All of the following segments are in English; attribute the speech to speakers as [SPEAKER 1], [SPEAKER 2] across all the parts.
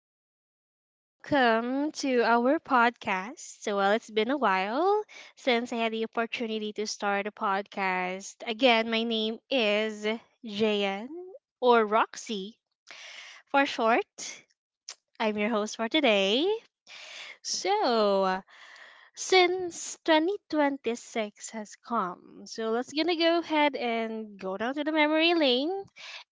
[SPEAKER 1] good day. Welcome to our podcast. So, well, it's been a while since I had the opportunity to start a podcast. Again, my name is Jayan or Roxy for short. I'm your host for today. So, since 2026 has come. So let's gonna go ahead and go down to the memory lane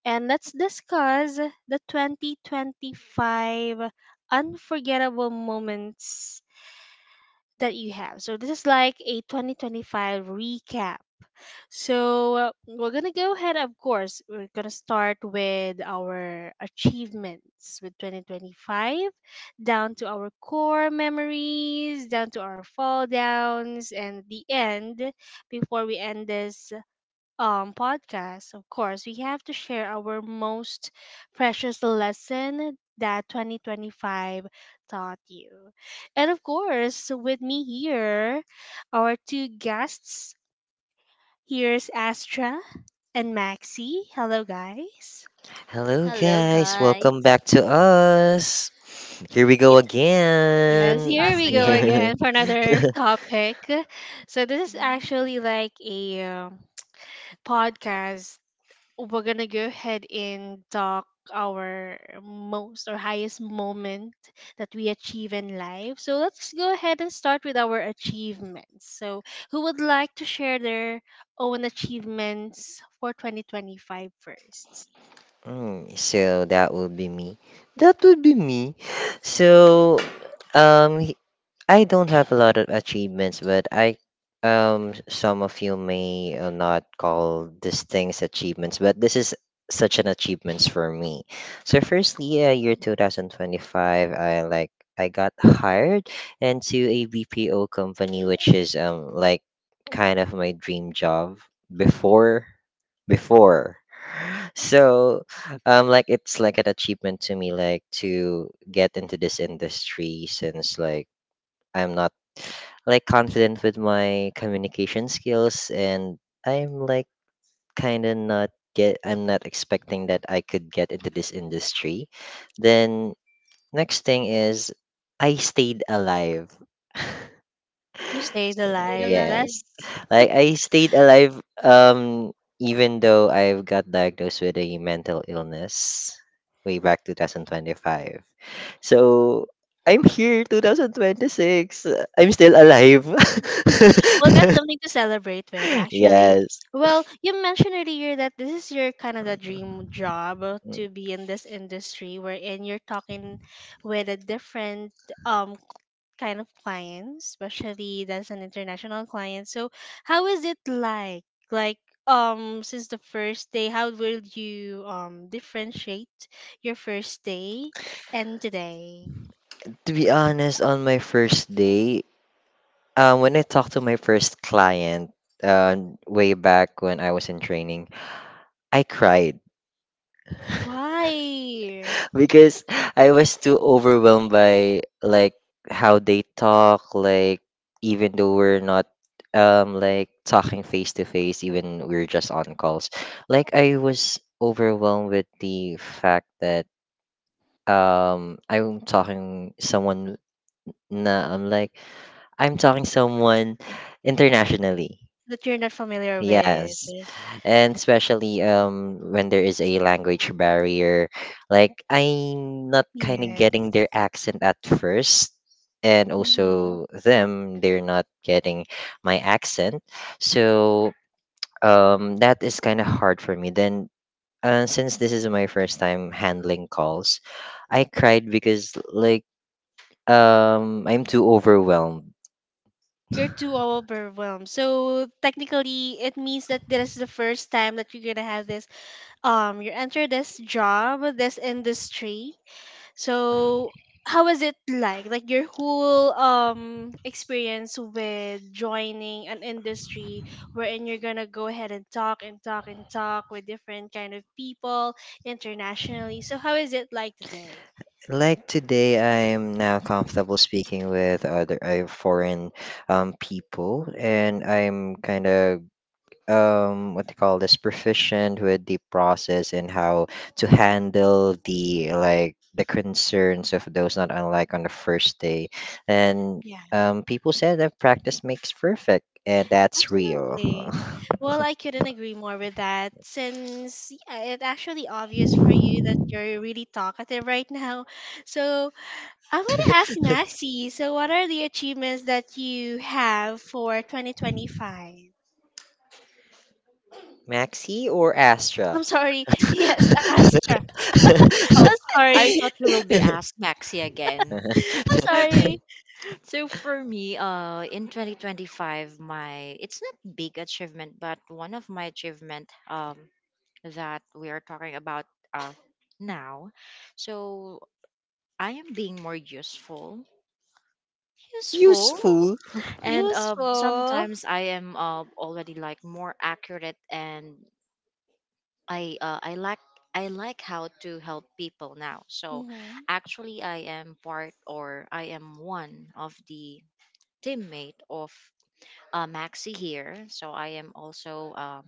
[SPEAKER 1] and let's discuss the 2025 unforgettable moments that you have. So this is like a 2025 recap so we're gonna go ahead. Of course, we're gonna start with our achievements with 2025, down to our core memories, down to our fall downs, and at the end, before we end this podcast, of course, we have to share our most precious lesson that 2025 taught you. And of course, with me here, our two guests. Here's Astra and Maxi. Hello, guys.
[SPEAKER 2] Hello,
[SPEAKER 3] Hello,
[SPEAKER 2] guys.
[SPEAKER 3] guys.
[SPEAKER 2] Welcome back to us. Here we go
[SPEAKER 3] It's
[SPEAKER 1] Yes,
[SPEAKER 2] again.
[SPEAKER 1] here
[SPEAKER 3] us
[SPEAKER 1] we go
[SPEAKER 3] again.
[SPEAKER 1] again for another topic. So this is
[SPEAKER 3] Mhm.
[SPEAKER 1] actually like a podcast. We're gonna go ahead and talk our most or highest moment that we achieve in life. So let's go ahead and start with our achievements. So who would like to share their own achievements for 2025 first?
[SPEAKER 2] So that would be me. That would be me. So, um, I don't have a lot of achievements, but I some of you may not call these things achievements, but this is such an achievements for me. So firstly, year 2025, I got hired into a BPO company, which is like kind of my dream job before before. So like it's like an achievement to me like to get into this industry since like I'm not like confident with my communication skills and I'm like kind of not get I'm not expecting that I could get into this industry. Then next thing is I stayed alive.
[SPEAKER 1] You stayed alive.
[SPEAKER 3] Realize?
[SPEAKER 2] Yes.
[SPEAKER 1] That's.
[SPEAKER 2] Like I stayed alive even though I got diagnosed with a mental illness way back 2025. So I'm here 2026. I'm still alive.
[SPEAKER 1] Well, that's something to celebrate with, actually.
[SPEAKER 2] Yes.
[SPEAKER 1] Well, you mentioned earlier that this is your kind of the dream job to be in this industry wherein you're talking with a different um kind of clients, especially that's an international client. So how is it like? Like since the first day, how will you differentiate your first day and today?
[SPEAKER 2] To be honest, on my first day, when I talked to my first client, uh, way back when I was in training, I cried.
[SPEAKER 1] Why?
[SPEAKER 2] Because I was too overwhelmed by like how they talk, like even though we're not like talking face to face, even we're just on calls. Like I was overwhelmed with the fact that um I'm talking someone na I'm like I'm talking someone internationally.
[SPEAKER 1] That you're not familiar with.
[SPEAKER 2] Yes. And especially when there is a language barrier, like I'm not kind of getting
[SPEAKER 1] Yes.
[SPEAKER 2] their accent at first. And
[SPEAKER 1] Mhm.
[SPEAKER 2] also them, they're not getting my accent. So that is kind of hard for me. Then since this is my first time handling calls, I cried because like I'm too overwhelmed.
[SPEAKER 1] You're too overwhelmed. So technically, it means that this is the first time that you're gonna have this. You enter this job, this industry. So how was it like? Like your whole experience with joining an industry wherein you're gonna go ahead and talk and talk and talk with different kind of people internationally. So how is it like today?
[SPEAKER 2] Like today, I'm now comfortable speaking with other foreign people, and I'm kind of what they call this proficient with the process and how to handle the concerns of those not unlike on the first day and
[SPEAKER 1] Yeah.
[SPEAKER 2] people said that practice makes perfect and that's real.
[SPEAKER 1] Absolutely. Well, I couldn't agree more with that since yeah, it's actually obvious for you that you're really talkative right now. So I'm going to ask Massey, so what are the achievements that you have for 2025?
[SPEAKER 2] Maxi or Astra?
[SPEAKER 1] I'm sorry. Yes, Astra. I'm
[SPEAKER 3] Oh,
[SPEAKER 1] sorry.
[SPEAKER 3] I thought you will be asked Maxi again.
[SPEAKER 1] I'm sorry.
[SPEAKER 3] Okay. So for me, in 2025, my it's not big achievement, but one of my achievement that we are talking about uh now. So I am being more useful, useful,
[SPEAKER 2] Useful.
[SPEAKER 3] and
[SPEAKER 1] Useful.
[SPEAKER 3] sometimes I am already like more accurate, and I uh, I like I like how to help people now. So
[SPEAKER 1] Hmm.
[SPEAKER 3] actually, I am part, or I am one of the teammate of Maxi here. So I am also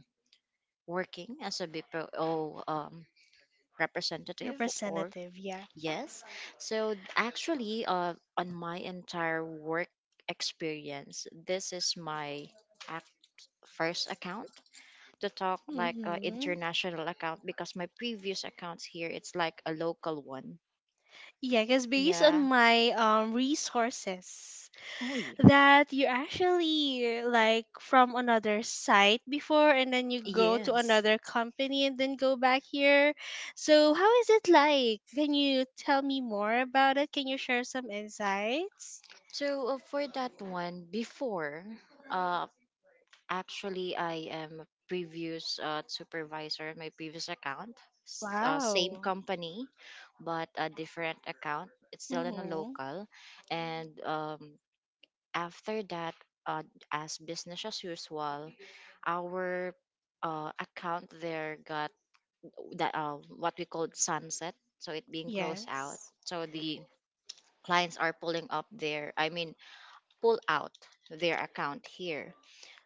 [SPEAKER 3] working as a BPO representative or
[SPEAKER 1] Representative, yeah.
[SPEAKER 3] yes. So actually on my entire work experience, this is my ac- first account to talk like an
[SPEAKER 1] Mm-hmm.
[SPEAKER 3] international account, because my previous accounts here it's like a local one.
[SPEAKER 1] Yeah, because based on
[SPEAKER 3] Yeah.
[SPEAKER 1] my resources,
[SPEAKER 3] Oh yeah.
[SPEAKER 1] that you actually like from another site before and then you go to
[SPEAKER 3] Yes.
[SPEAKER 1] another company and then go back here. So how is it like? Can you tell me more about it? Can you share some insights?
[SPEAKER 3] So for that one, before, uh, actually, I am a previous supervisor in my previous account, same
[SPEAKER 1] Wow.
[SPEAKER 3] company, but a different account. It's still in a
[SPEAKER 1] Mhm.
[SPEAKER 3] local, and after that, uh, as business as usual, our account there got that, what we called sunset, so it being closed out.
[SPEAKER 1] Yes.
[SPEAKER 3] So the clients are pulling up their, I mean, pull out their account here.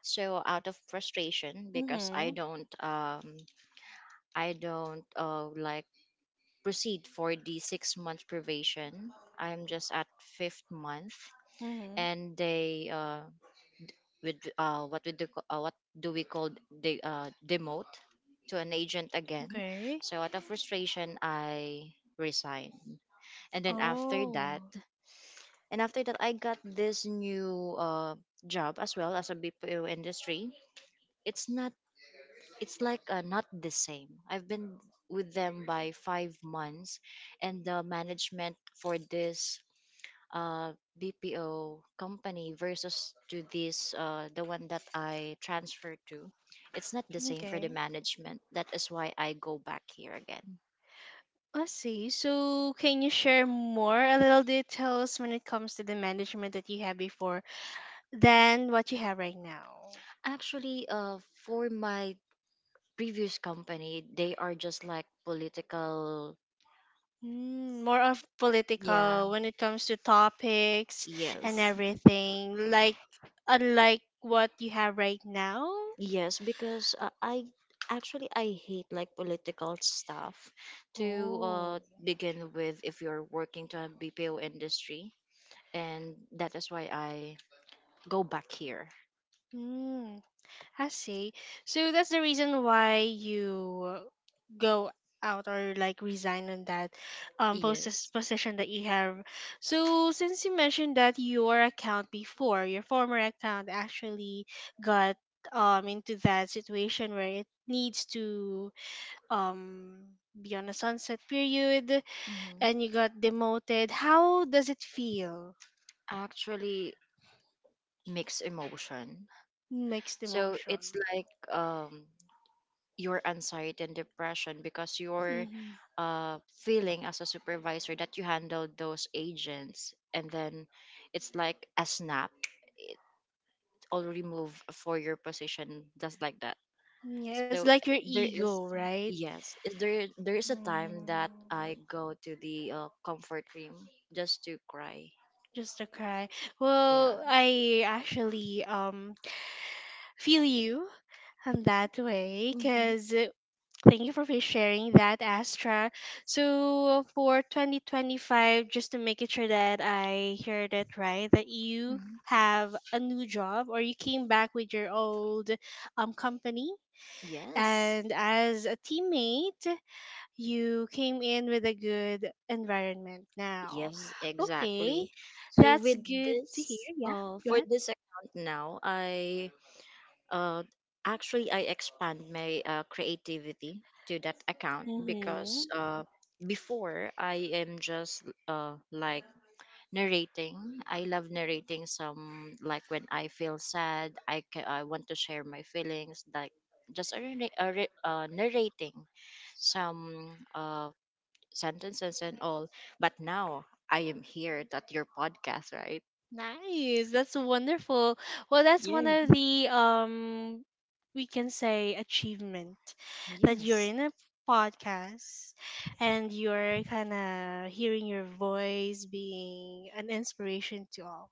[SPEAKER 3] So out of frustration, because I
[SPEAKER 1] Mhm.
[SPEAKER 3] don't, um, I don't like proceed for the 6-month probation. I'm just at fifth month,
[SPEAKER 1] Mhm.
[SPEAKER 3] and they, with, what we do, what do we call the, demote to an agent again.
[SPEAKER 1] Okay.
[SPEAKER 3] So out of frustration, I resigned, and then after
[SPEAKER 1] Oh.
[SPEAKER 3] that, and after that, I got this new job as well, as a BPO industry. It's not, it's like not the same. I've been with them by 5 months, and the management for this uh, BPO company versus to this, the one that I transferred to, it's not the same for the
[SPEAKER 1] Okay.
[SPEAKER 3] management. That is why I go back here again.
[SPEAKER 1] I see. So, can you share more, a little details when it comes to the management that you had before than what you have right now?
[SPEAKER 3] Actually, for my previous company, they are just like political.
[SPEAKER 1] Mm, more of
[SPEAKER 3] Yeah.
[SPEAKER 1] political when it comes to topics and
[SPEAKER 3] Yes.
[SPEAKER 1] everything, like unlike what you have right now.
[SPEAKER 3] Yes, because I actually I hate like political stuff, to
[SPEAKER 1] Oh.
[SPEAKER 3] begin with, if you're working to a BPO industry, and that is why I go back here.
[SPEAKER 1] Mm. I see. So that's the reason why you go out or like resign on that post
[SPEAKER 3] Yes.
[SPEAKER 1] position that you have. So since you mentioned that your account before, your former account actually got into that situation where it needs to be on a sunset period
[SPEAKER 3] hmm
[SPEAKER 1] and you got demoted. How does it feel?
[SPEAKER 3] Actually, mixed emotion.
[SPEAKER 1] Mixed
[SPEAKER 3] So it's
[SPEAKER 1] emotion.
[SPEAKER 3] like, um, your anxiety and depression, because you're
[SPEAKER 1] Mhm.
[SPEAKER 3] feeling as a supervisor that you handled those agents, and then it's like a snap or remove for your position, just like that.
[SPEAKER 1] Yeah, it's
[SPEAKER 3] So
[SPEAKER 1] like your
[SPEAKER 3] there is,
[SPEAKER 1] ego, right?
[SPEAKER 3] yes, is there there is a time that
[SPEAKER 1] Mm.
[SPEAKER 3] I go to the comfort room just to cry,
[SPEAKER 1] Just to cry.
[SPEAKER 3] yeah.
[SPEAKER 1] Well, I actually feel you on that way,
[SPEAKER 3] Mhm.
[SPEAKER 1] cause. Thank you for sharing that, Astra. So for 2025, just to make it sure that I heard it right, that you
[SPEAKER 3] Mhm.
[SPEAKER 1] have a new job or you came back with your old company
[SPEAKER 3] Yes.
[SPEAKER 1] and as a teammate you came in with a good environment now.
[SPEAKER 3] Yes,
[SPEAKER 1] Okay,
[SPEAKER 3] exactly. So
[SPEAKER 1] that's
[SPEAKER 3] with
[SPEAKER 1] good to hear.
[SPEAKER 3] this,
[SPEAKER 1] Yeah, go
[SPEAKER 3] for
[SPEAKER 1] ahead.
[SPEAKER 3] this account now, I, uh, actually I expand my creativity to that account,
[SPEAKER 1] Mm-hmm.
[SPEAKER 3] because before I am just like narrating. I love narrating some, like when I feel sad, I I want to share my feelings, like just a, rela- a, re- narrating some sentences and all. But now I am here at your podcast, right?
[SPEAKER 1] Nice. That's wonderful. Well, that's one of the we can say achievement that you're
[SPEAKER 3] Yes.
[SPEAKER 1] in a podcast and you're kind of hearing your voice being an inspiration to all.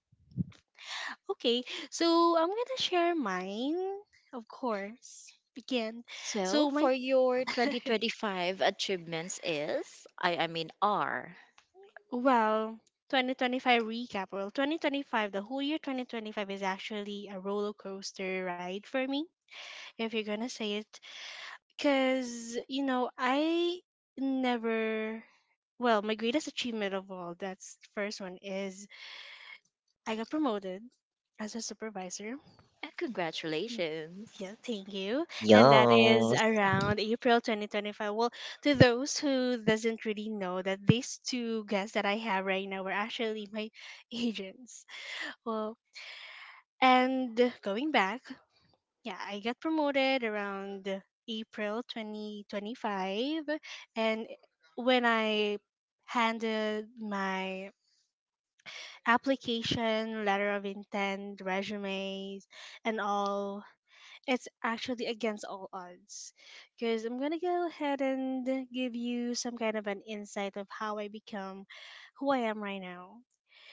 [SPEAKER 1] Okay, so I'm going to share mine, of course. Again,
[SPEAKER 3] So
[SPEAKER 1] so my
[SPEAKER 3] for your 2025 achievements is, I mean, are.
[SPEAKER 1] well, 2025 recap. Well, 2025, the whole year 2025 is actually a roller coaster ride for me if you're gonna say it. Because, I never. Well, my greatest achievement of all, that's the first one, is I got promoted as a supervisor. Y-
[SPEAKER 3] Congratulations.
[SPEAKER 1] Yeah, thank you. And that is
[SPEAKER 2] Yes.
[SPEAKER 1] around April 2025. Well, to those who doesn't really know that these two guests that I have right now were actually my agents. Well, and going back, yeah, I got promoted around April 2025. And when I handed my application, letter of intent, resumes, and all, it's actually against all odds. Because I'm going to go ahead and give you some kind of an insight of how I become who I am right now.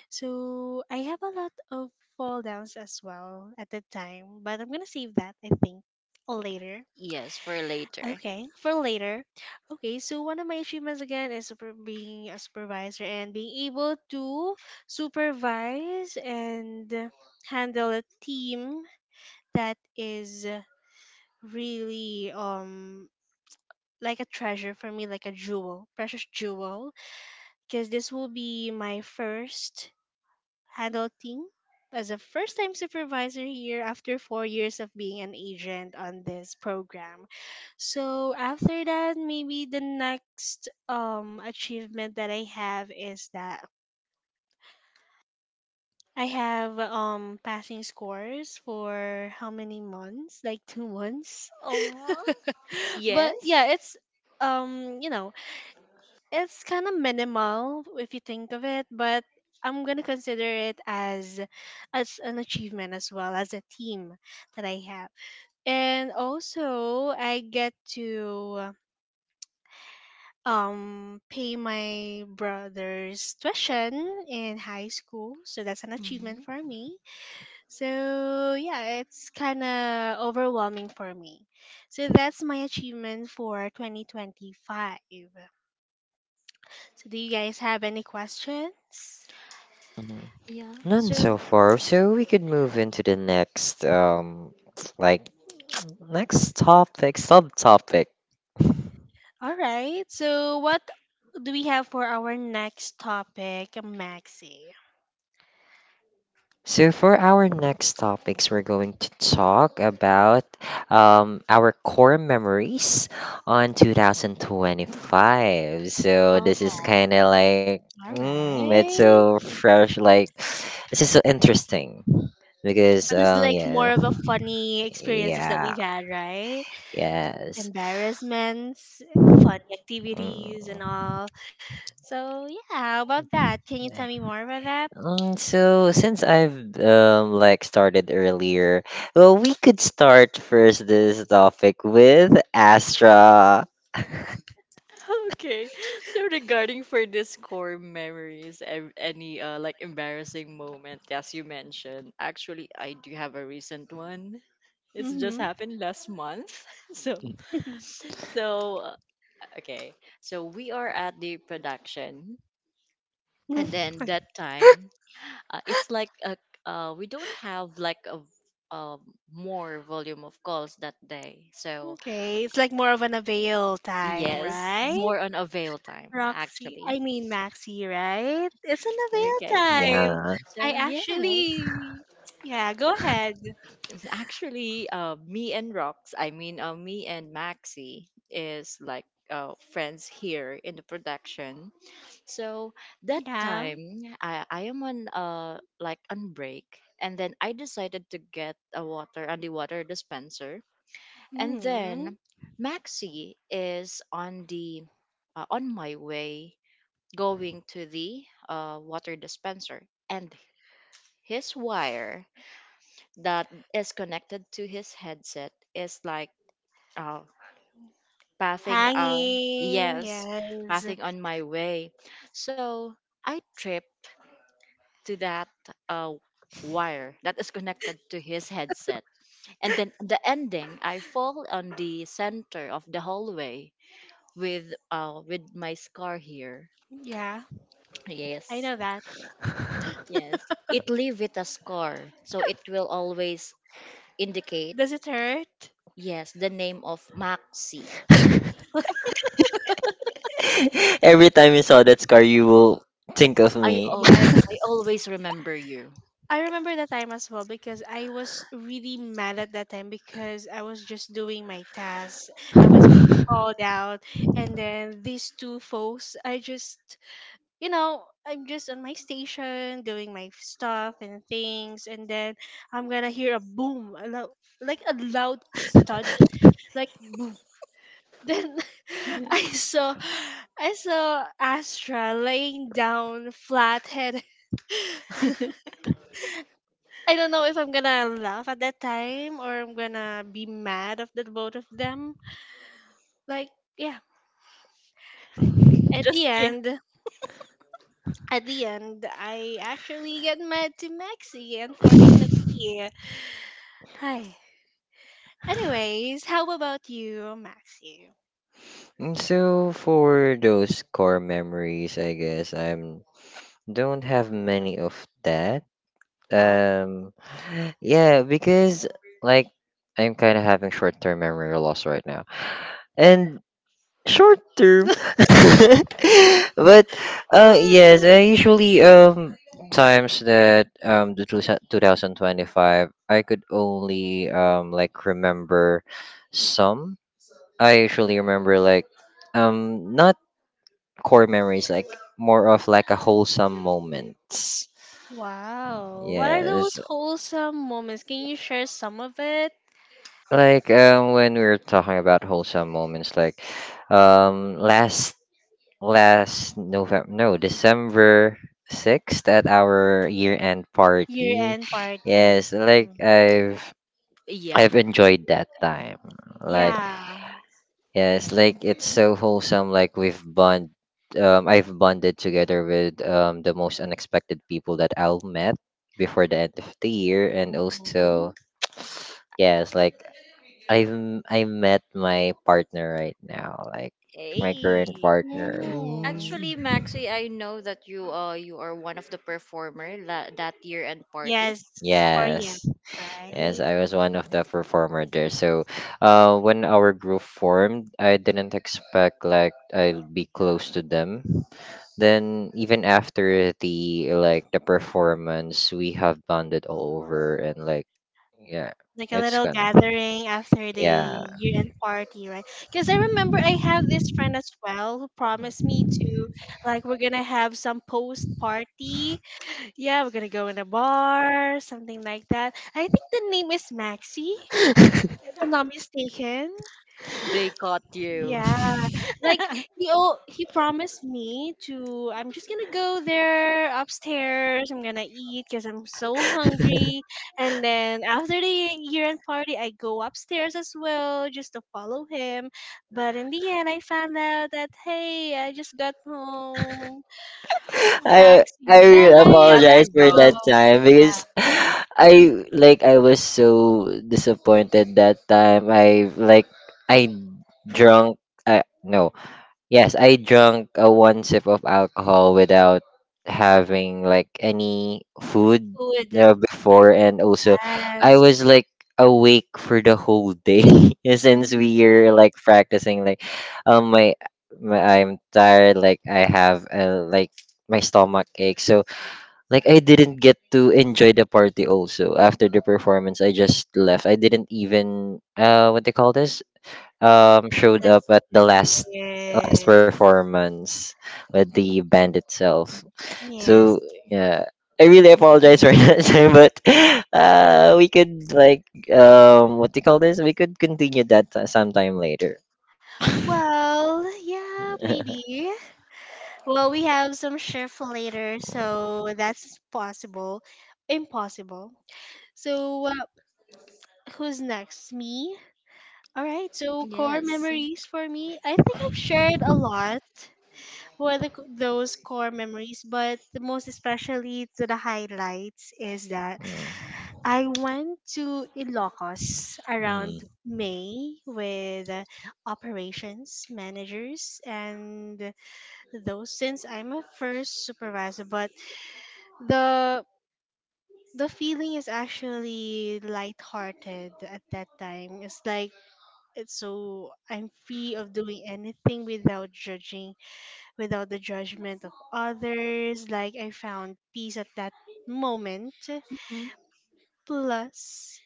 [SPEAKER 1] So I have a lot of fall downs as well at the time, but I'm going to save that, I think later.
[SPEAKER 3] Yes, for later.
[SPEAKER 1] Okay, for later. Okay, so one of my achievements again is super being a supervisor and being able to supervise and handle a team that is really like a treasure for me, like a jewel, precious jewel. Because this will be my first adulting as a first time supervisor here after 4 years of being an agent on this program. So after that, maybe the next achievement that I have is that I have passing scores for how many months? Like 2 months.
[SPEAKER 3] Oh,
[SPEAKER 1] But
[SPEAKER 3] yes.
[SPEAKER 1] yeah, um, you know, It's kind of minimal if you think of it, but I'm gonna consider it as an achievement as well as a team that I have. And also I get to pay my brother's tuition in high school, so that's an achievement
[SPEAKER 3] Mhm.
[SPEAKER 1] for me. So yeah, it's kind of overwhelming for me. So that's my achievement for 2025. So do you guys have any questions?
[SPEAKER 2] Mhm.
[SPEAKER 3] Yeah.
[SPEAKER 2] None
[SPEAKER 3] So,
[SPEAKER 2] so far. So we could move into the next like next topic, subtopic.
[SPEAKER 1] All right. So, what do we have for our next topic, Maxi?
[SPEAKER 2] So for our next topics, we're going to talk about our core memories on 2025. So
[SPEAKER 3] uh
[SPEAKER 2] this is
[SPEAKER 3] huh.
[SPEAKER 2] kind of like,
[SPEAKER 1] All
[SPEAKER 2] it's
[SPEAKER 1] right.
[SPEAKER 2] so fresh. Like this is so interesting because,
[SPEAKER 1] Just like
[SPEAKER 2] yeah.
[SPEAKER 1] more of a funny experiences that we've
[SPEAKER 2] Yeah,
[SPEAKER 1] had, right?
[SPEAKER 2] yes.
[SPEAKER 1] Embarrassments, funny activities, and
[SPEAKER 2] Mm.
[SPEAKER 1] all. So, yeah, how about that? Can you tell me more about that?
[SPEAKER 2] So since I've like started earlier, well, we could start first this topic with Astra.
[SPEAKER 3] Okay. So regarding for this core memories, any like embarrassing moment, as you mentioned, actually I do have a recent one. It's just
[SPEAKER 1] Mm-hmm.
[SPEAKER 3] happened last month. So so uh, okay. So we are at the production, and then that time, it's like a we don't have like a um more volume of calls that day. So
[SPEAKER 1] Okay. It's like more of an avail time,
[SPEAKER 3] yes,
[SPEAKER 1] right?
[SPEAKER 3] more on avail time,
[SPEAKER 1] Roxy,
[SPEAKER 3] actually.
[SPEAKER 1] I mean Maxi, right? It's an
[SPEAKER 3] Okay.
[SPEAKER 1] avail time.
[SPEAKER 2] Yeah.
[SPEAKER 3] So
[SPEAKER 1] I
[SPEAKER 3] yes,
[SPEAKER 1] actually, yeah, go ahead.
[SPEAKER 3] actually, me and Rox, I mean, me and Maxi is like friends here in the production. So that
[SPEAKER 1] Yeah.
[SPEAKER 3] time, I am on, like on break, and then I decided to get a water on the water dispenser, and
[SPEAKER 1] Hmm.
[SPEAKER 3] then Maxi is on my way, going to the water dispenser, and his wire that is connected to his headset is like, uh, pathing,
[SPEAKER 1] Hanging,
[SPEAKER 3] yes,
[SPEAKER 1] yes.
[SPEAKER 3] pathing on my way, so I tripped to that uh wire that is connected to his headset, and then the ending, I fall on the center of the hallway with, my scar here.
[SPEAKER 1] Yeah,
[SPEAKER 3] Yes,
[SPEAKER 1] I know that.
[SPEAKER 3] yes, it leave with a scar, so it will always indicate,
[SPEAKER 1] Does it hurt?
[SPEAKER 3] yes, the name of Maxi.
[SPEAKER 2] Every time you saw that scar, you will think of
[SPEAKER 3] I
[SPEAKER 2] me.
[SPEAKER 3] always
[SPEAKER 1] Yes.
[SPEAKER 3] I always remember you.
[SPEAKER 1] I remember that time as well because I was really mad at that time because I was just doing my tasks. I was being called out. And then these two folks, I'm just on my station doing my stuff and things, and then I'm gonna hear a boom, a loud, like a loud stud, like boom. Then
[SPEAKER 3] Yeah.
[SPEAKER 1] I saw, I saw Astra laying down flat head. I don't know if I'm gonna laugh at that time or I'm gonna be mad of the both of them. Like, yeah. At
[SPEAKER 3] Just
[SPEAKER 1] the
[SPEAKER 3] yeah.
[SPEAKER 1] end, at the end, I actually get mad to Maxi, unfortunately. Hi. Anyways, how about you, Maxi?
[SPEAKER 2] So for those core memories, I guess I'm don't have many of that. Um, Yeah, because like I'm kind of having short-term memory loss right now. And short-term. But yes, I usually times that the two 2025 I could only like remember some. I usually remember like not core memories, like more of like a wholesome moments.
[SPEAKER 1] Wow. What are those
[SPEAKER 2] Yes.
[SPEAKER 1] wholesome moments? Can you share some of it?
[SPEAKER 2] Like when we were talking about wholesome moments, like um, last last November, no, December 6th at our year-end
[SPEAKER 1] Year
[SPEAKER 2] party.
[SPEAKER 1] end party.
[SPEAKER 2] Yes, like
[SPEAKER 1] Mm.
[SPEAKER 2] I've
[SPEAKER 3] Yeah.
[SPEAKER 2] I've enjoyed that time. Like
[SPEAKER 1] Yeah.
[SPEAKER 2] yes, like it's so wholesome. I've bonded together with the most unexpected people that I've met before the end of the year, and also
[SPEAKER 1] Mhm.
[SPEAKER 2] yes, like I met my partner right now, like my current
[SPEAKER 3] Hey.
[SPEAKER 2] partner.
[SPEAKER 1] Mm.
[SPEAKER 2] Mm.
[SPEAKER 3] Actually, Maxi, I know that you are one of the performer that year and party.
[SPEAKER 1] Yes, for you,
[SPEAKER 2] Yes, yes,
[SPEAKER 1] right?
[SPEAKER 2] I was one of the performer there. So, when our group formed, I didn't expect like I'll be close to them. Then even after the performance, we have bonded all over, and like yeah,
[SPEAKER 1] Like a
[SPEAKER 2] it's
[SPEAKER 1] little
[SPEAKER 2] gonna
[SPEAKER 1] gathering after the
[SPEAKER 2] yeah.
[SPEAKER 1] year end party, right? Because I remember I have this friend as well who promised me to, like, we're gonna have some post party. Yeah, we're gonna go in a bar, something like that. I think the name is Maxi, if I'm not mistaken.
[SPEAKER 3] They caught you.
[SPEAKER 1] Yeah, like he promised me to I'm just gonna go there upstairs. I'm gonna eat because I'm so hungry. And then after the year-end party, I go upstairs as well just to follow him. But in the end, I found out that hey, I just got home
[SPEAKER 2] I
[SPEAKER 3] Maxi,
[SPEAKER 1] and
[SPEAKER 2] really
[SPEAKER 1] I
[SPEAKER 3] she got
[SPEAKER 2] apologize
[SPEAKER 1] left
[SPEAKER 3] you,
[SPEAKER 2] for that
[SPEAKER 3] bro.
[SPEAKER 1] alone.
[SPEAKER 2] time because I was so disappointed that time. I drunk. I no. Yes, I drank a one sip of alcohol without having like any food
[SPEAKER 1] Food,
[SPEAKER 2] before, and also I
[SPEAKER 1] yes.
[SPEAKER 2] was like awake for the whole day since we
[SPEAKER 1] Mhm.
[SPEAKER 2] are like practicing. Like, my, my I'm tired. Like I have like my stomach ache. So like I didn't get to enjoy the party. Also after the performance, I just left. I didn't even what they call this showed
[SPEAKER 1] That's
[SPEAKER 2] up at the
[SPEAKER 1] it.
[SPEAKER 2] last last
[SPEAKER 1] Yes,
[SPEAKER 2] performance with the band itself. So
[SPEAKER 1] yes.
[SPEAKER 2] yeah, I really apologize for that, time, but we could like what do you call this? We could continue that sometime later.
[SPEAKER 1] Well, yeah, maybe. Well, we have some shift later,
[SPEAKER 2] Mm.
[SPEAKER 1] so that's possible. Impossible. So, who's next? Me? All right, so core
[SPEAKER 3] Yes.
[SPEAKER 1] memories for me. I think I've shared a lot with the, those core memories, but the most especially to the highlights is that
[SPEAKER 2] Mm.
[SPEAKER 1] I went to Ilocos
[SPEAKER 2] Mm.
[SPEAKER 1] around May with operations managers and though since I'm a first supervisor, but the the feeling is actually lighthearted at that time. It's like it's so I'm free of doing anything without judging, without the judgment of others. Like I found peace at that moment.
[SPEAKER 3] Mhm.
[SPEAKER 1] Plus,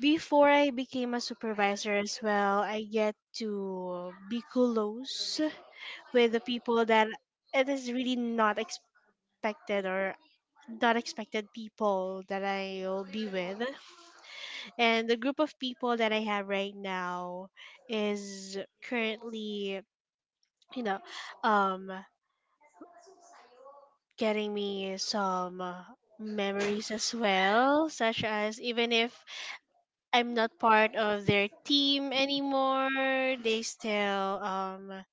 [SPEAKER 1] before I became a supervisor as well, I get to be close with the people that it is really not expected or not expected people that I'll be with. And the group of people that I have right now is currently, you know, um, getting me some memories as well, such as even if I'm not part of their team anymore,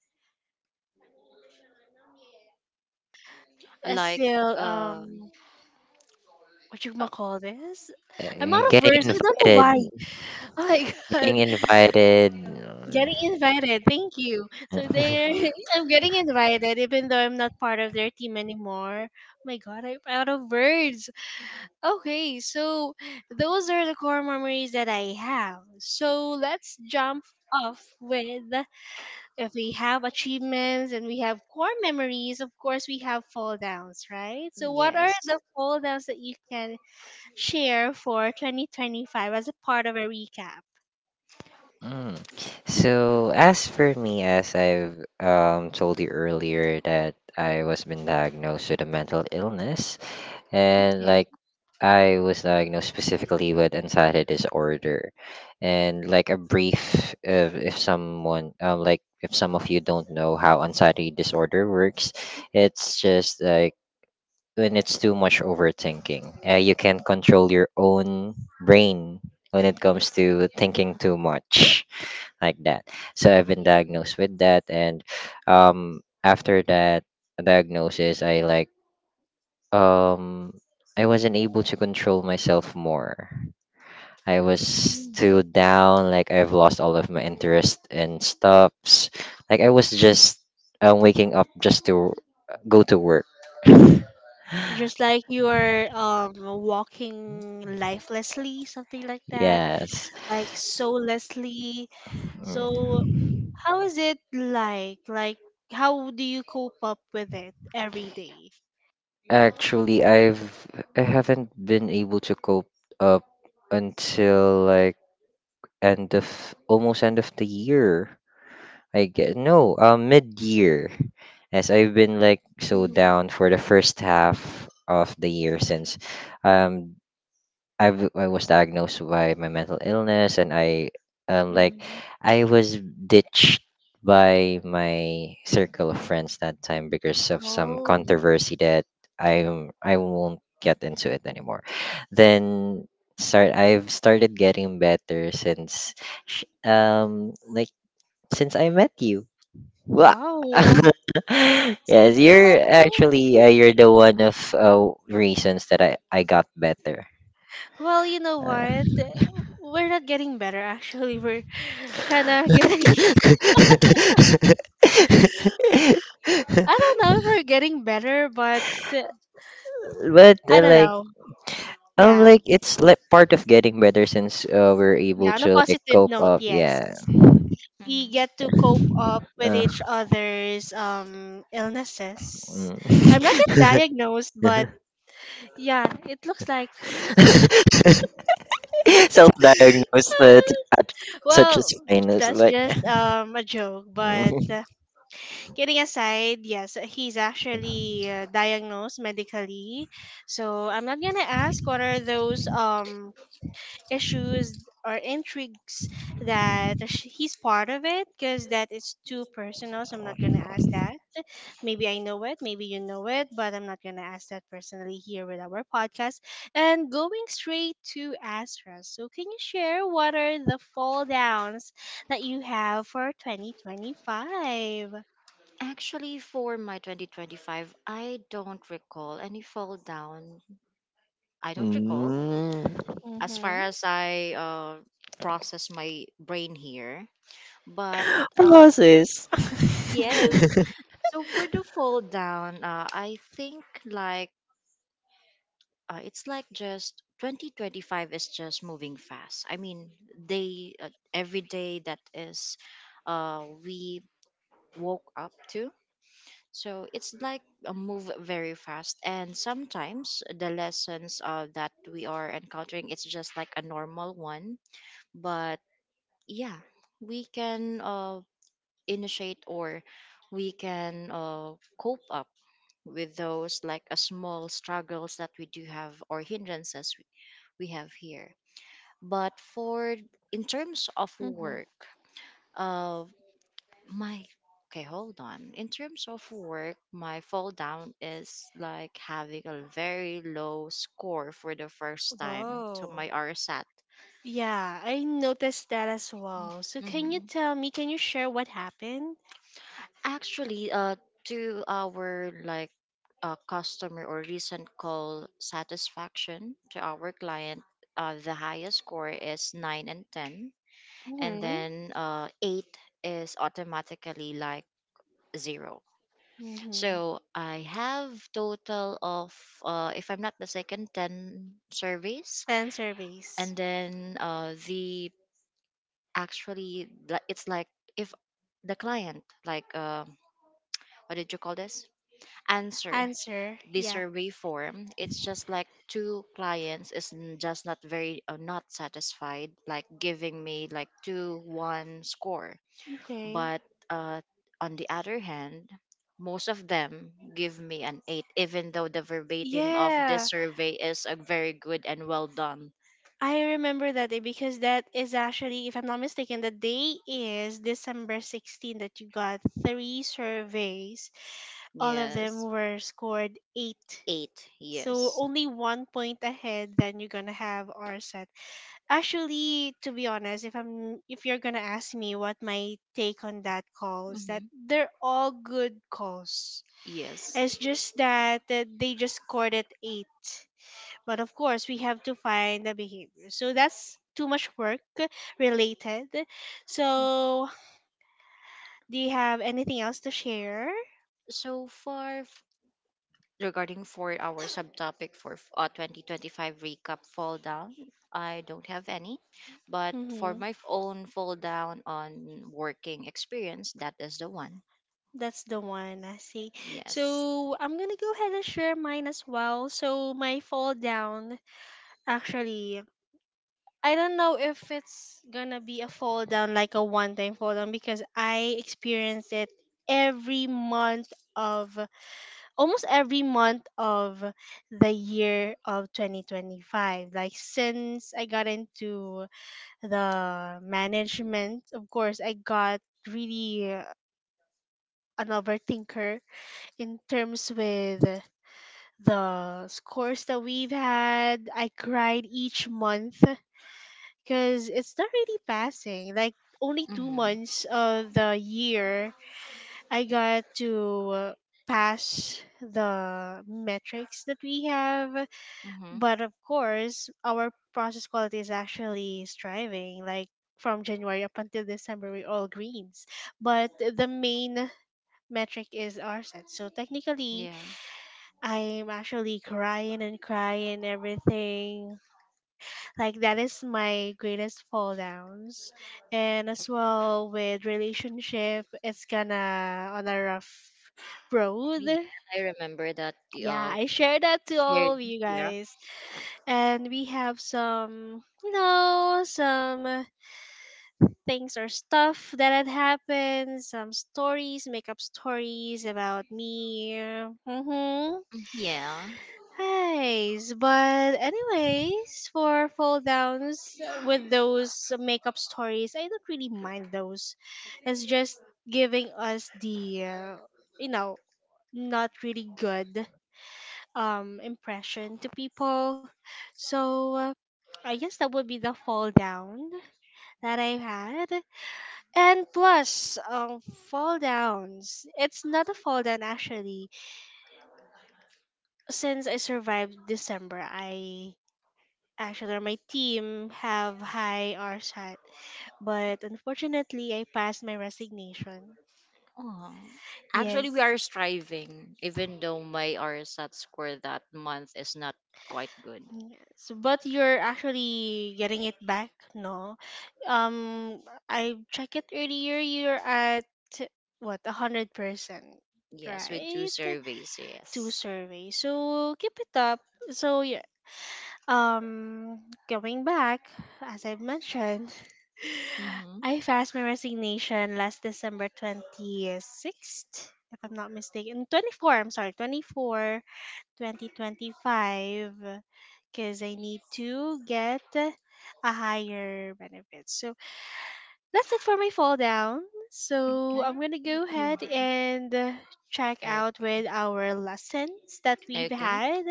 [SPEAKER 1] I
[SPEAKER 3] Like,
[SPEAKER 1] still,
[SPEAKER 3] um
[SPEAKER 1] what you
[SPEAKER 3] uh,
[SPEAKER 1] ma call this? I'm out of
[SPEAKER 2] Getting
[SPEAKER 1] words. I don't know
[SPEAKER 2] invited,
[SPEAKER 1] why. Oh my
[SPEAKER 2] getting
[SPEAKER 1] god.
[SPEAKER 2] invited.
[SPEAKER 1] Getting invited, thank you. So
[SPEAKER 2] uh,
[SPEAKER 1] they're I'm getting invited, even though I'm not part of their team anymore. Oh my God, I'm out of words. Okay, so those are the core memories that I have. So let's jump off with if we have achievements and we have core memories, of course we have fall downs, right? So what are
[SPEAKER 3] yes.
[SPEAKER 1] the fall downs that you can share for 2025 as a part of a recap?
[SPEAKER 2] Mm. So as for me, as I've told you earlier, that I was been diagnosed with a mental illness, and like I was diagnosed specifically with anxiety disorder, and like a brief, if someone like if some of you don't know how anxiety disorder works, it's just like when it's too much overthinking, you can't control your own brain when it comes to thinking too much like that. So I've been diagnosed with that, and after that diagnosis, um, I wasn't able to control myself more. I was too
[SPEAKER 1] Okay.
[SPEAKER 2] down, like I've lost all of my interest in stuffs. Like I was just waking up just to go to work.
[SPEAKER 1] Just like you are walking lifelessly, something like that,
[SPEAKER 2] Yes.
[SPEAKER 1] like soullessly.
[SPEAKER 2] Mm.
[SPEAKER 1] So how is it like? Like how do you cope up with it every day?
[SPEAKER 2] Actually, I haven't been able to cope up until like end of almost end of the year. I get no, mid year, as I've been like so
[SPEAKER 1] Mhm,
[SPEAKER 2] down for the first half of the year since um I was diagnosed by my mental illness, and um like
[SPEAKER 1] mhm.
[SPEAKER 2] I was ditched by my circle of friends that time because of some
[SPEAKER 1] Oh,
[SPEAKER 2] controversy that I won't get into it anymore. Then start I've started getting better since sh- um like since I met you. Wah!
[SPEAKER 1] wow.
[SPEAKER 2] Yes, you're the one of reasons that I got better.
[SPEAKER 1] Well, you know
[SPEAKER 2] Uh,
[SPEAKER 1] what? We're not getting better actually. We're kind of getting, I don't know if we're getting better, but uh,
[SPEAKER 2] but
[SPEAKER 1] I don't
[SPEAKER 2] like
[SPEAKER 1] know.
[SPEAKER 2] um
[SPEAKER 1] Yeah.
[SPEAKER 2] like it's like part of getting better since we're able
[SPEAKER 1] Yeah, on a
[SPEAKER 2] to like
[SPEAKER 1] positive
[SPEAKER 2] cope
[SPEAKER 1] note,
[SPEAKER 2] up
[SPEAKER 1] yes.
[SPEAKER 2] yeah
[SPEAKER 1] We
[SPEAKER 3] Mhm.
[SPEAKER 1] get to cope up with
[SPEAKER 2] uh,
[SPEAKER 1] each other's illnesses. I'm not
[SPEAKER 2] mm.
[SPEAKER 1] yet diagnosed, but yeah, it looks like
[SPEAKER 2] Self-diagnosed at, such
[SPEAKER 1] well,
[SPEAKER 2] as fine is
[SPEAKER 1] that's
[SPEAKER 2] like.
[SPEAKER 1] just a joke, but kidding aside, yes, he's actually diagnosed medically. So, I'm not going to ask what are those issues or intrigues that he's part of it because that is too personal, so I'm not going to ask that. Maybe I know it, maybe you know it, but I'm not going to ask that personally here with our podcast, and going straight to Asra, so can you share what are the fall downs that you have for 2025?
[SPEAKER 3] Actually, for my 2025, I don't recall any fall down. I don't recall,
[SPEAKER 2] mm,
[SPEAKER 3] as
[SPEAKER 1] Mm-hmm.
[SPEAKER 3] far as I process my brain here. But uh,
[SPEAKER 2] Process.
[SPEAKER 3] yes, so for the fall down, I think like, it's like just 2025 is just moving fast. I mean, they, every day that is, we woke up to. So it's like a move very fast, and sometimes the lessons that we are encountering, it's just like a normal one. But yeah, we can initiate, or we can cope up with those, like a small struggles that we do have, or hindrances we have here. But for, in terms of
[SPEAKER 1] Mm-hmm.
[SPEAKER 3] work, uh, my okay, hold on. In terms of work, my fall down is like having a very low score for the first time to
[SPEAKER 1] Whoa.
[SPEAKER 3] my RSAT.
[SPEAKER 1] Yeah, I noticed that as well. So can you
[SPEAKER 3] Mm-hmm.
[SPEAKER 1] tell me, can you share what happened?
[SPEAKER 3] Actually, to our, like, customer or recent call satisfaction to our client, the highest score is 9 and 10, and
[SPEAKER 1] Mm-hmm.
[SPEAKER 3] then 8 is automatically like 0.
[SPEAKER 1] Mm-hmm.
[SPEAKER 3] So I have total of, if I'm not mistaken, 10 surveys,
[SPEAKER 1] Answer base.
[SPEAKER 3] and then, it's like, if the client, like, what did you call this, answer
[SPEAKER 1] Answer.
[SPEAKER 3] the
[SPEAKER 1] Yeah.
[SPEAKER 3] survey form, it's just like two clients is just not very, not satisfied, like giving me like two one score.
[SPEAKER 1] Okay.
[SPEAKER 3] But uh, on the other hand, most of them give me an 8, even though the verbatim of this
[SPEAKER 1] Yeah.
[SPEAKER 3] survey is a very good and well done.
[SPEAKER 1] I remember that day because that is actually, if I'm not mistaken, the day is December 16 that you got three surveys. All of them
[SPEAKER 3] Yes.
[SPEAKER 1] were scored 8.
[SPEAKER 3] 8,
[SPEAKER 1] So
[SPEAKER 3] yes.
[SPEAKER 1] only one point ahead then you're gonna have RSAT. Actually, to be honest, if you're gonna ask me what my take on that call is that
[SPEAKER 3] Hmm.
[SPEAKER 1] they're all good calls.
[SPEAKER 3] Yes.
[SPEAKER 1] It's just that they just scored at 8. But of course, we have to find the behavior. So that's too much work related. So, do you have anything else to share?
[SPEAKER 3] So far regarding for our subtopic for 2025 recap fall down, I don't have any, but for
[SPEAKER 1] Mm-hmm.
[SPEAKER 3] my own fall down on working experience, that is the one.
[SPEAKER 1] That's the one, I see.
[SPEAKER 3] Yes.
[SPEAKER 1] So, I'm gonna go ahead and share mine as well. So, my fall down, actually, I don't know if it's gonna be a fall down, like a one time fall down, because I experience it every month of almost every month of the year of 2025, like since I got into the management, of course I got really an overthinker in terms with the scores that we've had. I cried each month because it's not really passing. Like only two
[SPEAKER 3] Mm-hmm.
[SPEAKER 1] months of the year I got to pass the metrics that we have.
[SPEAKER 3] Mm-hmm.
[SPEAKER 1] But of course, our process quality is actually striving. Like from January up until December, we're all greens. But the main metric is RSAT. So technically,
[SPEAKER 3] Yeah,
[SPEAKER 1] I'm actually crying and crying everything. Like that is my greatest fall downs. And as well with relationship, it's gonna on a rough road.
[SPEAKER 3] yeah, I remember that.
[SPEAKER 1] Yeah,
[SPEAKER 3] uh
[SPEAKER 1] I share that to all of
[SPEAKER 3] weird-
[SPEAKER 1] you guys. And we have some, you know, some things or stuff that had happened, some stories, makeup stories about me. Mm-hmm.
[SPEAKER 3] yeah.
[SPEAKER 1] Nice. But anyways, for fall downs with those makeup stories, I don't really mind those. It's just giving us the, you know, not really good impression to people. So I guess that would be the fall down that I had. And plus, fall downs. It's not a fall down actually. Since I survived December, I actually or my team have high RSAT, but unfortunately, I passed my resignation.
[SPEAKER 3] Oh, actually,
[SPEAKER 1] Yes.
[SPEAKER 3] we are striving, even though my RSAT score that month is not quite good.
[SPEAKER 1] Yes, but you're actually getting it back, no? Um, I checked it earlier. You're at what, 100%,
[SPEAKER 3] Yes, we do
[SPEAKER 1] right?
[SPEAKER 3] surveys,
[SPEAKER 1] Two
[SPEAKER 3] yes.
[SPEAKER 1] surveys, so keep it up. So yeah, going back as I've mentioned,
[SPEAKER 3] Mm-hmm.
[SPEAKER 1] I passed my resignation last December 26th, if I'm not mistaken. 24. I'm sorry, 24. 2025, because I need to get a higher benefit. So that's it for my fall down. So
[SPEAKER 3] Okay.
[SPEAKER 1] I'm going to go ahead and check out
[SPEAKER 3] Okay.
[SPEAKER 1] with our lessons that we've
[SPEAKER 3] Okay.
[SPEAKER 1] had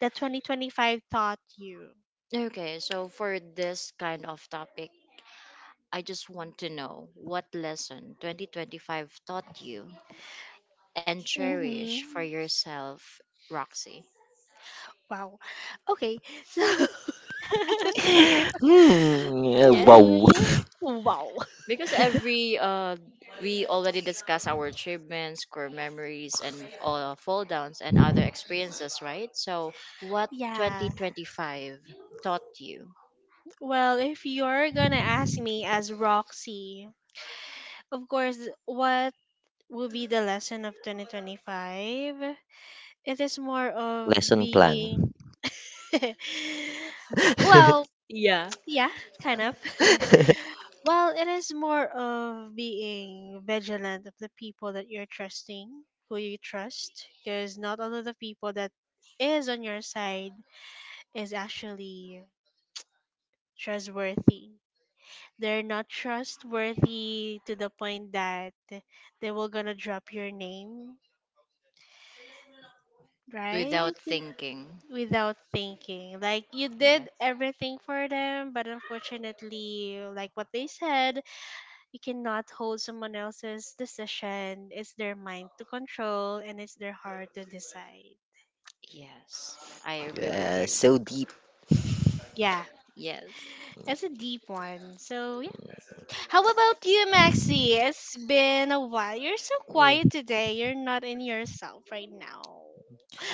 [SPEAKER 1] that 2025 taught you.
[SPEAKER 3] Okay. So for this kind of topic, I just want to know what lesson 2025 taught you and cherish
[SPEAKER 1] Mm-hmm.
[SPEAKER 3] for yourself, Roxy.
[SPEAKER 1] Wow. Okay. So,
[SPEAKER 2] Hmm.
[SPEAKER 3] Yes.
[SPEAKER 2] Wow.
[SPEAKER 1] hmm, wow.
[SPEAKER 3] Because every we already discussed our achievements, core memories, and fall downs and other experiences, right? So what
[SPEAKER 1] Yeah.
[SPEAKER 3] 2025 taught you?
[SPEAKER 1] Well, if you're gonna ask me as Roxy, of course, what will be the lesson of 2025? It is more of
[SPEAKER 2] Lesson plan.
[SPEAKER 1] being.
[SPEAKER 3] Y-
[SPEAKER 1] Well,
[SPEAKER 3] yeah,
[SPEAKER 1] yeah, kind of. Well, it is more of being vigilant of the people that you're trusting, who you trust, because not all of the people that is on your side is actually trustworthy. They're not trustworthy to the point that they will gonna drop your name, right?
[SPEAKER 3] without thinking?
[SPEAKER 1] Without thinking. Like you
[SPEAKER 3] Yeah.
[SPEAKER 1] did everything for them, but unfortunately, like what they said, you cannot hold someone else's decision. It's their mind to control and it's their heart to decide.
[SPEAKER 3] Yes, I agree with you.
[SPEAKER 2] So deep.
[SPEAKER 1] Yeah,
[SPEAKER 3] Yes,
[SPEAKER 1] that's a deep one. So, yeah. How about you, Maxi? It's been a while. You're so quiet today. You're not in yourself right now.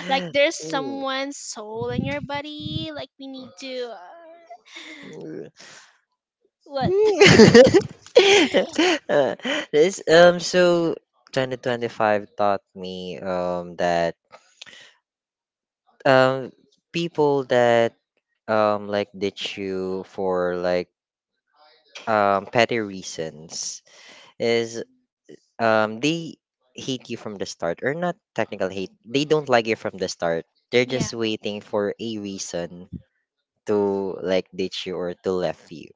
[SPEAKER 1] Like, there's
[SPEAKER 2] Mm,
[SPEAKER 1] someone's soul in your body. Like, we need to.
[SPEAKER 2] mm,
[SPEAKER 1] What?
[SPEAKER 2] mm. Uh, this so 2025 taught me that um people that like ditch you for like petty reasons is they hate you from the start, or not technical hate, they don't like you from the start, they're
[SPEAKER 1] Yeah.
[SPEAKER 2] just waiting for a reason to like ditch you or to left you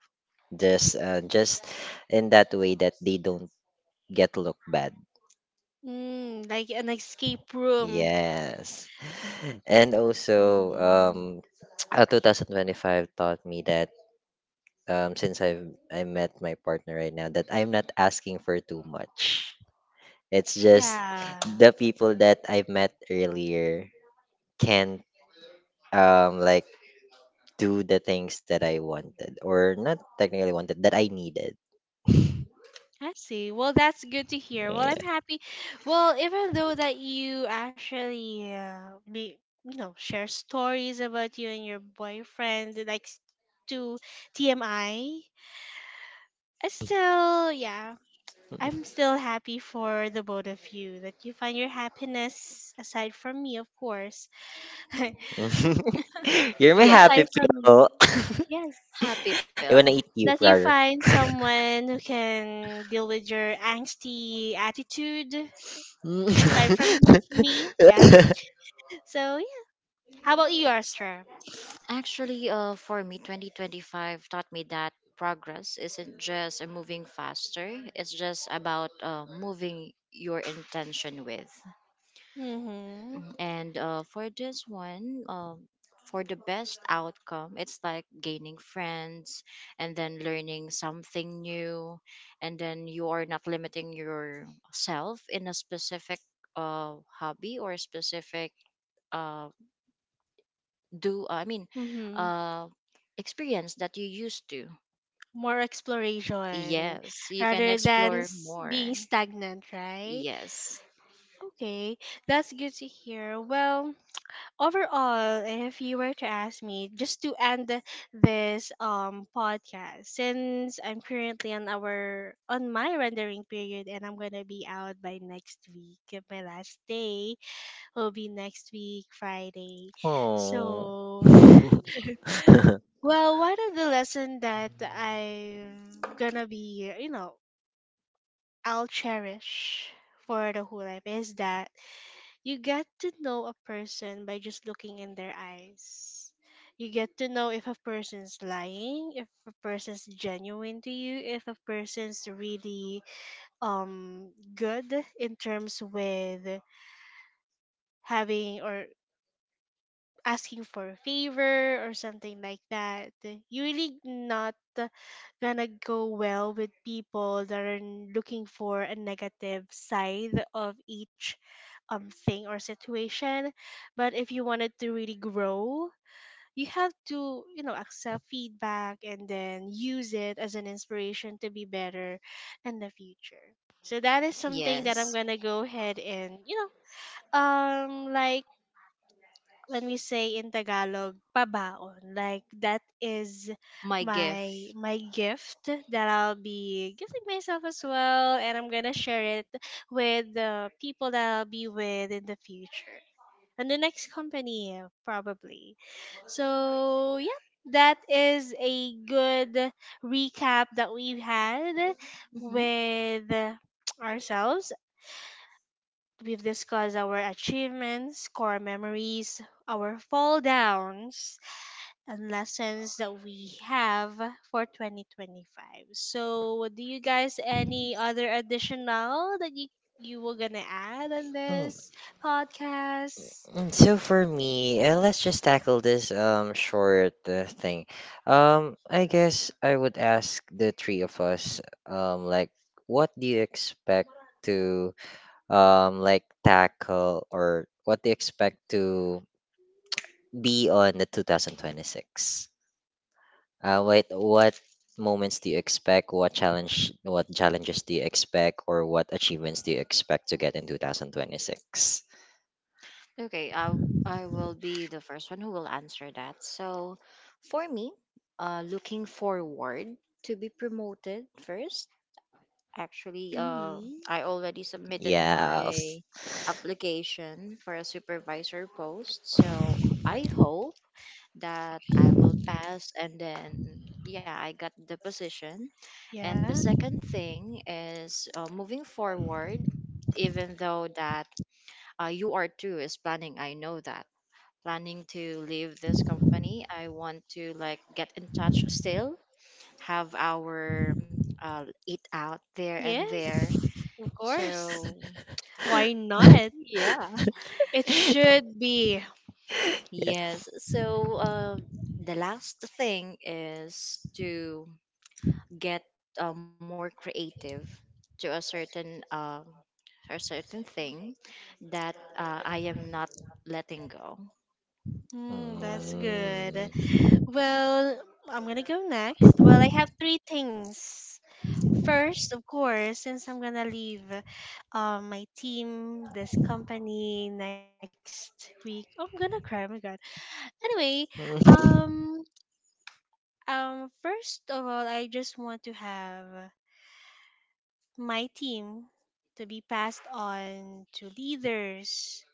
[SPEAKER 2] just in that way that they don't get look bad.
[SPEAKER 1] Mm, like an escape room.
[SPEAKER 2] Yes, and also
[SPEAKER 1] Mhm.
[SPEAKER 2] 2025 taught me that since I met my partner right now, that I'm not asking for too much. It's just
[SPEAKER 1] Yeah.
[SPEAKER 2] the people that I met earlier can't like do the things that I wanted, or not technically wanted, that I needed.
[SPEAKER 1] I see. Well, that's good to hear. Well,
[SPEAKER 2] Yeah.
[SPEAKER 1] I'm happy. Well, even though that you actually be, you know, share stories about you and your boyfriend, like to TMI, I still, yeah, I'm still happy for the both of you that you find your happiness aside from me, of course.
[SPEAKER 2] You're my
[SPEAKER 3] yes.
[SPEAKER 2] happy
[SPEAKER 1] Aside from me,
[SPEAKER 2] pillow.
[SPEAKER 1] yes,
[SPEAKER 3] Happy
[SPEAKER 2] I wanna
[SPEAKER 3] pill.
[SPEAKER 2] eat you,
[SPEAKER 1] that you
[SPEAKER 2] brother.
[SPEAKER 1] find someone who can deal with your angsty attitude aside from me. Yeah. So yeah, how about you, Astra?
[SPEAKER 3] Actually, for me, 2025 taught me that progress isn't just a moving faster, it's just about moving your intention with.
[SPEAKER 1] Mhm,
[SPEAKER 3] Mhm. And for this one, for the best outcome, it's like gaining friends, and then learning something new, and then you are not limiting yourself in a specific, hobby or a specific. Uh, do I mean,
[SPEAKER 1] mhm.
[SPEAKER 3] uh experience that you used to.
[SPEAKER 1] More exploration
[SPEAKER 3] Yes, you can
[SPEAKER 1] rather than
[SPEAKER 3] explore more.
[SPEAKER 1] being stagnant, right?
[SPEAKER 3] Yes.
[SPEAKER 1] Okay, that's good to hear. Well, overall, if you were to ask me, just to end this podcast, since I'm currently on our on my rendering period and I'm gonna be out by next week. My last day will be next week, Friday.
[SPEAKER 2] Oh.
[SPEAKER 1] So, well, one of the lesson that I'm gonna be, you know, I'll cherish for the whole life is that you get to know a person by just looking in their eyes. You get to know if a person's lying, if a person's genuine to you, if a person's really good in terms with having or asking for a favor or something like that. You really not gonna go well with people that are looking for a negative side of each thing or situation. But if you wanted to really grow, you have to, you know, accept feedback and then use it as an inspiration to be better in the future. So that is something that I'm
[SPEAKER 3] Yes,
[SPEAKER 1] gonna go ahead and, you know, like when we say in Tagalog, pabaon. Like that is
[SPEAKER 3] my
[SPEAKER 1] my
[SPEAKER 3] gift.
[SPEAKER 1] my gift that I'll be giving myself as well, and I'm gonna share it with the people that I'll be with in the future and the next company probably. So yeah. That is a good recap that we've had
[SPEAKER 3] Hmm.
[SPEAKER 1] with ourselves. We've discussed our achievements, core memories, our fall downs, and lessons that we have for 2025. So, do you guys any
[SPEAKER 3] Yes.
[SPEAKER 1] other additional that you were gonna add on
[SPEAKER 2] Mm,
[SPEAKER 1] this podcast?
[SPEAKER 2] So for me, let's just tackle this short thing. I guess I would ask the three of us like, what do you expect to like tackle, or what do you expect to be on the 2026, what moments do you expect, what challenge what challenges do you expect, or what achievements do you expect to get in 2026?
[SPEAKER 3] Okay, I will be the first one who will answer that. So, for me, looking forward to be promoted first. Actually,
[SPEAKER 1] Mm-hmm.
[SPEAKER 3] I already submitted
[SPEAKER 2] Yes.
[SPEAKER 3] my application for a supervisor post, so I hope that I will pass, and then yeah, I got the position. And the
[SPEAKER 1] Yeah.
[SPEAKER 3] second thing is, moving forward, even though that, you are too is planning. I know that, planning to leave this company. I want to like get in touch still, have our eat out there and there.
[SPEAKER 1] Yes. Of course.
[SPEAKER 3] So
[SPEAKER 1] Why not?
[SPEAKER 3] yeah.
[SPEAKER 1] It should be.
[SPEAKER 2] Yeah.
[SPEAKER 3] Yes, so uh, the last thing is to get more creative to a certain, thing that I am not letting go.
[SPEAKER 1] Mm,
[SPEAKER 2] Mm.
[SPEAKER 1] that's good. Well, I'm gonna go next. Well, I have three things. First, of course, since I'm gonna leave my team, this company next week, I'm gonna cry. Oh my god. Anyway, um, first of all, I just want to have my team to be passed on to leaders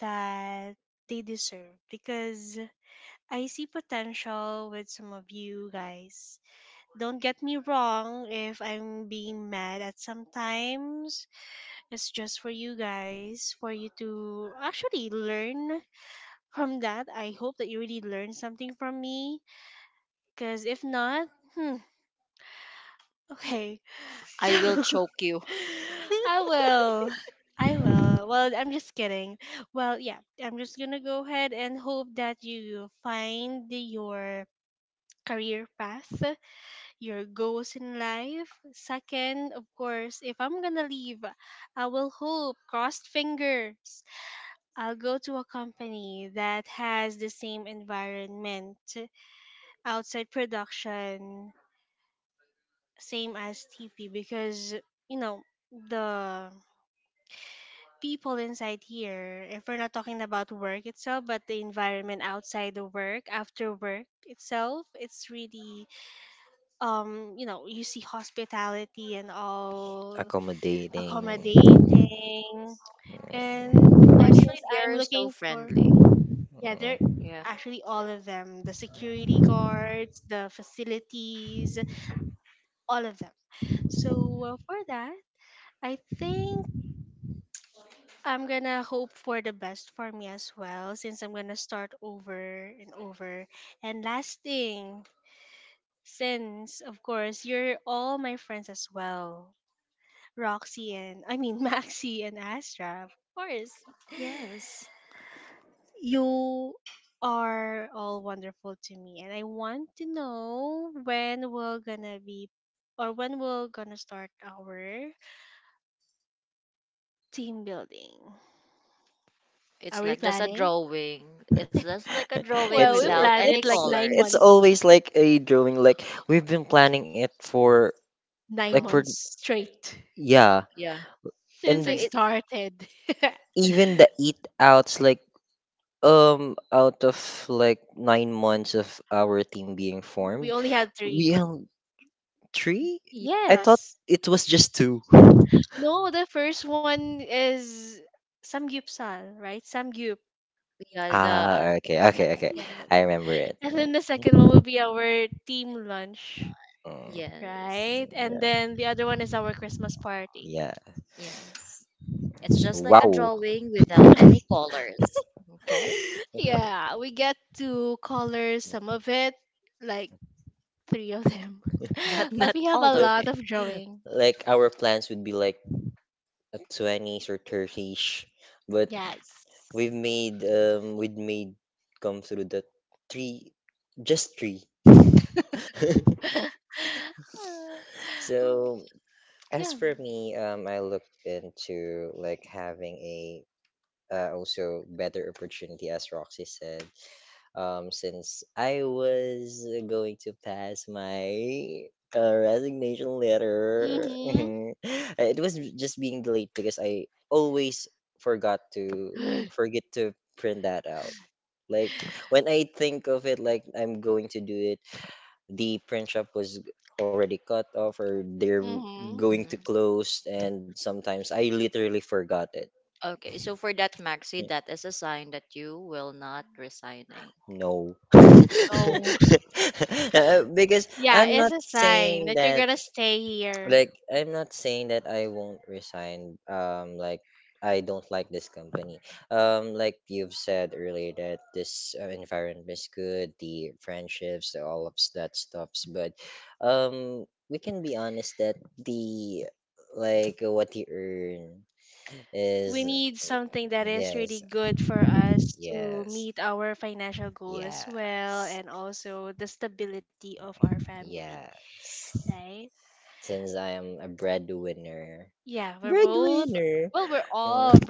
[SPEAKER 1] that they deserve because I see potential with some of you guys. Don't get me wrong if I'm being mad at sometimes. It's just for you guys, for you to actually learn from that. I hope that you really learn something from me. Because if not, hmm, okay.
[SPEAKER 3] I will
[SPEAKER 1] So,
[SPEAKER 3] choke you.
[SPEAKER 1] I will. I will. Well, I'm just kidding. Well, yeah, I'm just gonna go ahead and hope that you find your career path, your goals in life. Second, of course, if I'm gonna leave, I will hope, crossed fingers, I'll go to a company that has the same environment outside production, same as TP, because, you know, the people inside here, if we're not talking about work itself, but the environment outside the work, after work itself, it's really, you know, you see hospitality and all
[SPEAKER 2] Accommodating.
[SPEAKER 1] accommodating. And of course,
[SPEAKER 3] Actually,
[SPEAKER 1] since
[SPEAKER 3] they
[SPEAKER 1] I'm
[SPEAKER 3] are so
[SPEAKER 1] looking for,
[SPEAKER 3] friendly.
[SPEAKER 1] yeah, they're
[SPEAKER 2] Mm.
[SPEAKER 3] Yeah.
[SPEAKER 1] actually all of them, the security guards, the facilities, all of them. So for that, I think I'm gonna hope for the best for me as well, since I'm gonna start over and over. And last thing, since of course you're all my friends as well, Roxy and I mean Maxi and Astra, of course.
[SPEAKER 3] Yes.
[SPEAKER 1] You are all wonderful to me, and I want to know when we're gonna be or when we're gonna start our team building.
[SPEAKER 3] It's
[SPEAKER 1] Are we
[SPEAKER 3] like just a
[SPEAKER 1] planning?
[SPEAKER 3] drawing. It's just like a drawing
[SPEAKER 2] it's
[SPEAKER 1] Well, we
[SPEAKER 3] without
[SPEAKER 1] planned
[SPEAKER 3] any
[SPEAKER 1] it
[SPEAKER 2] it's
[SPEAKER 1] like nine
[SPEAKER 2] it's
[SPEAKER 3] colors.
[SPEAKER 1] months,
[SPEAKER 2] always like a drawing, like we've been planning it for like
[SPEAKER 1] nine
[SPEAKER 2] for
[SPEAKER 3] Um,
[SPEAKER 1] months straight
[SPEAKER 2] yeah,
[SPEAKER 3] yeah.
[SPEAKER 1] since
[SPEAKER 3] So
[SPEAKER 1] I
[SPEAKER 2] and
[SPEAKER 3] it,
[SPEAKER 1] started.
[SPEAKER 2] even the eat outs, like out of like 9 months of our team being
[SPEAKER 1] We
[SPEAKER 2] formed
[SPEAKER 1] only had
[SPEAKER 2] we
[SPEAKER 1] three.
[SPEAKER 2] have three.
[SPEAKER 3] yeah,
[SPEAKER 2] I thought
[SPEAKER 1] Yes.
[SPEAKER 2] it was just two.
[SPEAKER 1] No, the first one is Samgyupsal, right? Samgyup.
[SPEAKER 3] yeah, the,
[SPEAKER 2] Okay,
[SPEAKER 3] at
[SPEAKER 2] okay, okay,
[SPEAKER 1] Yeah.
[SPEAKER 3] the,
[SPEAKER 2] I remember it.
[SPEAKER 1] And then the second one will be our team lunch,
[SPEAKER 2] Mm,
[SPEAKER 3] yes,
[SPEAKER 1] right? And then the other one is
[SPEAKER 3] Mm,
[SPEAKER 1] our
[SPEAKER 2] yeah,
[SPEAKER 1] Christmas party.
[SPEAKER 2] yeah,
[SPEAKER 3] yes. It's just like a
[SPEAKER 2] wow.
[SPEAKER 3] drawing without any colors. Okay?
[SPEAKER 2] But
[SPEAKER 1] Yeah, we get to color some of it, like three of them.
[SPEAKER 3] But
[SPEAKER 1] But
[SPEAKER 3] not
[SPEAKER 1] we have
[SPEAKER 3] all
[SPEAKER 1] a
[SPEAKER 3] of
[SPEAKER 1] lot
[SPEAKER 3] it.
[SPEAKER 1] of drawing.
[SPEAKER 2] like our plans would be like 20s or 30s, but
[SPEAKER 1] Yes.
[SPEAKER 2] we've made come through the three, just three.
[SPEAKER 1] Uh, oh,
[SPEAKER 2] So as
[SPEAKER 1] yeah.
[SPEAKER 2] for me, I look into like having a, also better opportunity, as Roxy said, since I was going to pass my resignation letter.
[SPEAKER 1] Mm-hmm.
[SPEAKER 2] It was just being delayed because I always forgot to forget to print that out. Like when I think of it, like I'm going to do it, the print shop was already cut off or they're
[SPEAKER 1] Mm-hmm.
[SPEAKER 2] going to
[SPEAKER 3] Mhm.
[SPEAKER 2] close, and sometimes I literally forgot it.
[SPEAKER 3] Okay, so for that, Maxi,
[SPEAKER 2] Yeah.
[SPEAKER 3] that is a sign that you will not resigning.
[SPEAKER 2] No.
[SPEAKER 1] No.
[SPEAKER 2] Because
[SPEAKER 1] Yeah,
[SPEAKER 2] I'm
[SPEAKER 1] it's
[SPEAKER 2] not
[SPEAKER 1] a sign
[SPEAKER 2] saying
[SPEAKER 1] that you're
[SPEAKER 2] that
[SPEAKER 1] gonna stay here.
[SPEAKER 2] I'm not saying that I won't resign like I don't like this company. Like you've said earlier, that this environment is good, the friendships, all of that stuffs, but we can be honest that the like what you earn is.
[SPEAKER 1] We need something that is really
[SPEAKER 2] Yes,
[SPEAKER 1] good for us to
[SPEAKER 2] yes.
[SPEAKER 1] meet our financial goal as well
[SPEAKER 2] Yes.
[SPEAKER 1] and also the stability of our family,
[SPEAKER 2] Yes.
[SPEAKER 1] right?
[SPEAKER 2] Since I am a breadwinner.
[SPEAKER 1] Yeah, we're both,
[SPEAKER 2] Breadwinner.
[SPEAKER 1] well, we're all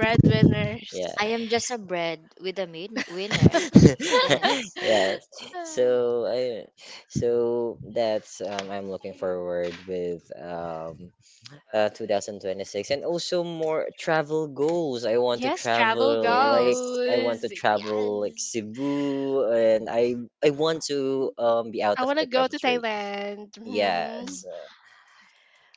[SPEAKER 2] Yeah.
[SPEAKER 3] I am just a bread with a winner. Yes.
[SPEAKER 2] Yes.
[SPEAKER 1] Uh,
[SPEAKER 2] So I so that's, I'm looking forward with 2026, and also more travel goals.
[SPEAKER 1] yes, travel
[SPEAKER 3] Yes.
[SPEAKER 2] I want to
[SPEAKER 1] goes.
[SPEAKER 2] travel like
[SPEAKER 1] Yes.
[SPEAKER 2] Cebu, and I want to be out
[SPEAKER 1] I
[SPEAKER 2] of
[SPEAKER 1] want to
[SPEAKER 2] the
[SPEAKER 1] go to
[SPEAKER 2] country.
[SPEAKER 1] Thailand. Mhm.
[SPEAKER 2] Yes.
[SPEAKER 3] Mm.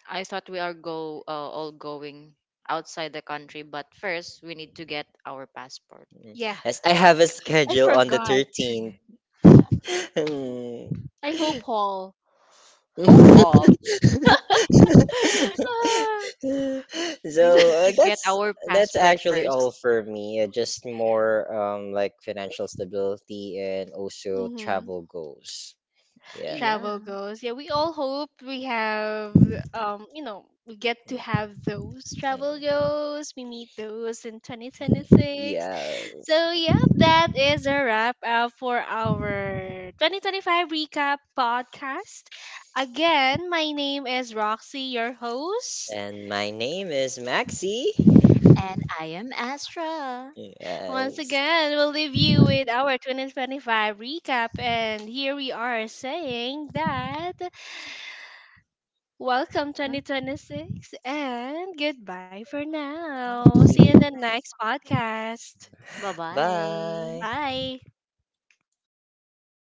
[SPEAKER 3] I thought we are go all going outside the country, but first we need to get our passport.
[SPEAKER 2] Mm.
[SPEAKER 1] Yeah,
[SPEAKER 2] Yes, I have a
[SPEAKER 1] I
[SPEAKER 2] schedule on the
[SPEAKER 1] forgot.
[SPEAKER 2] 13th. Mm.
[SPEAKER 1] I hope all.
[SPEAKER 3] Hope all.
[SPEAKER 1] Ah,
[SPEAKER 3] We need
[SPEAKER 2] So
[SPEAKER 3] to get
[SPEAKER 2] that's
[SPEAKER 3] our
[SPEAKER 2] that's
[SPEAKER 3] passport
[SPEAKER 2] actually
[SPEAKER 3] first.
[SPEAKER 2] all for me. Just more like financial stability and also
[SPEAKER 1] mhm.
[SPEAKER 2] travel goals. Yeah.
[SPEAKER 3] Yeah.
[SPEAKER 1] Travel goals. Yeah, we all hope we have, you know, we get to
[SPEAKER 2] Mm,
[SPEAKER 1] have those travel
[SPEAKER 2] mm,
[SPEAKER 1] goals. We meet those in
[SPEAKER 2] mm.
[SPEAKER 1] 2026.
[SPEAKER 2] Yes.
[SPEAKER 1] So, yeah, that is a wrap up for our 2025 recap podcast. Again, my name is Roxy, your host.
[SPEAKER 2] And my name is Maxi.
[SPEAKER 3] And I am Astra.
[SPEAKER 1] Once
[SPEAKER 2] Yes.
[SPEAKER 1] again, we'll leave you with our 2025 recap and here we are saying that welcome 2026 and goodbye for now. See you in the next podcast.
[SPEAKER 3] Bye bye.
[SPEAKER 2] Bye.
[SPEAKER 1] Bye.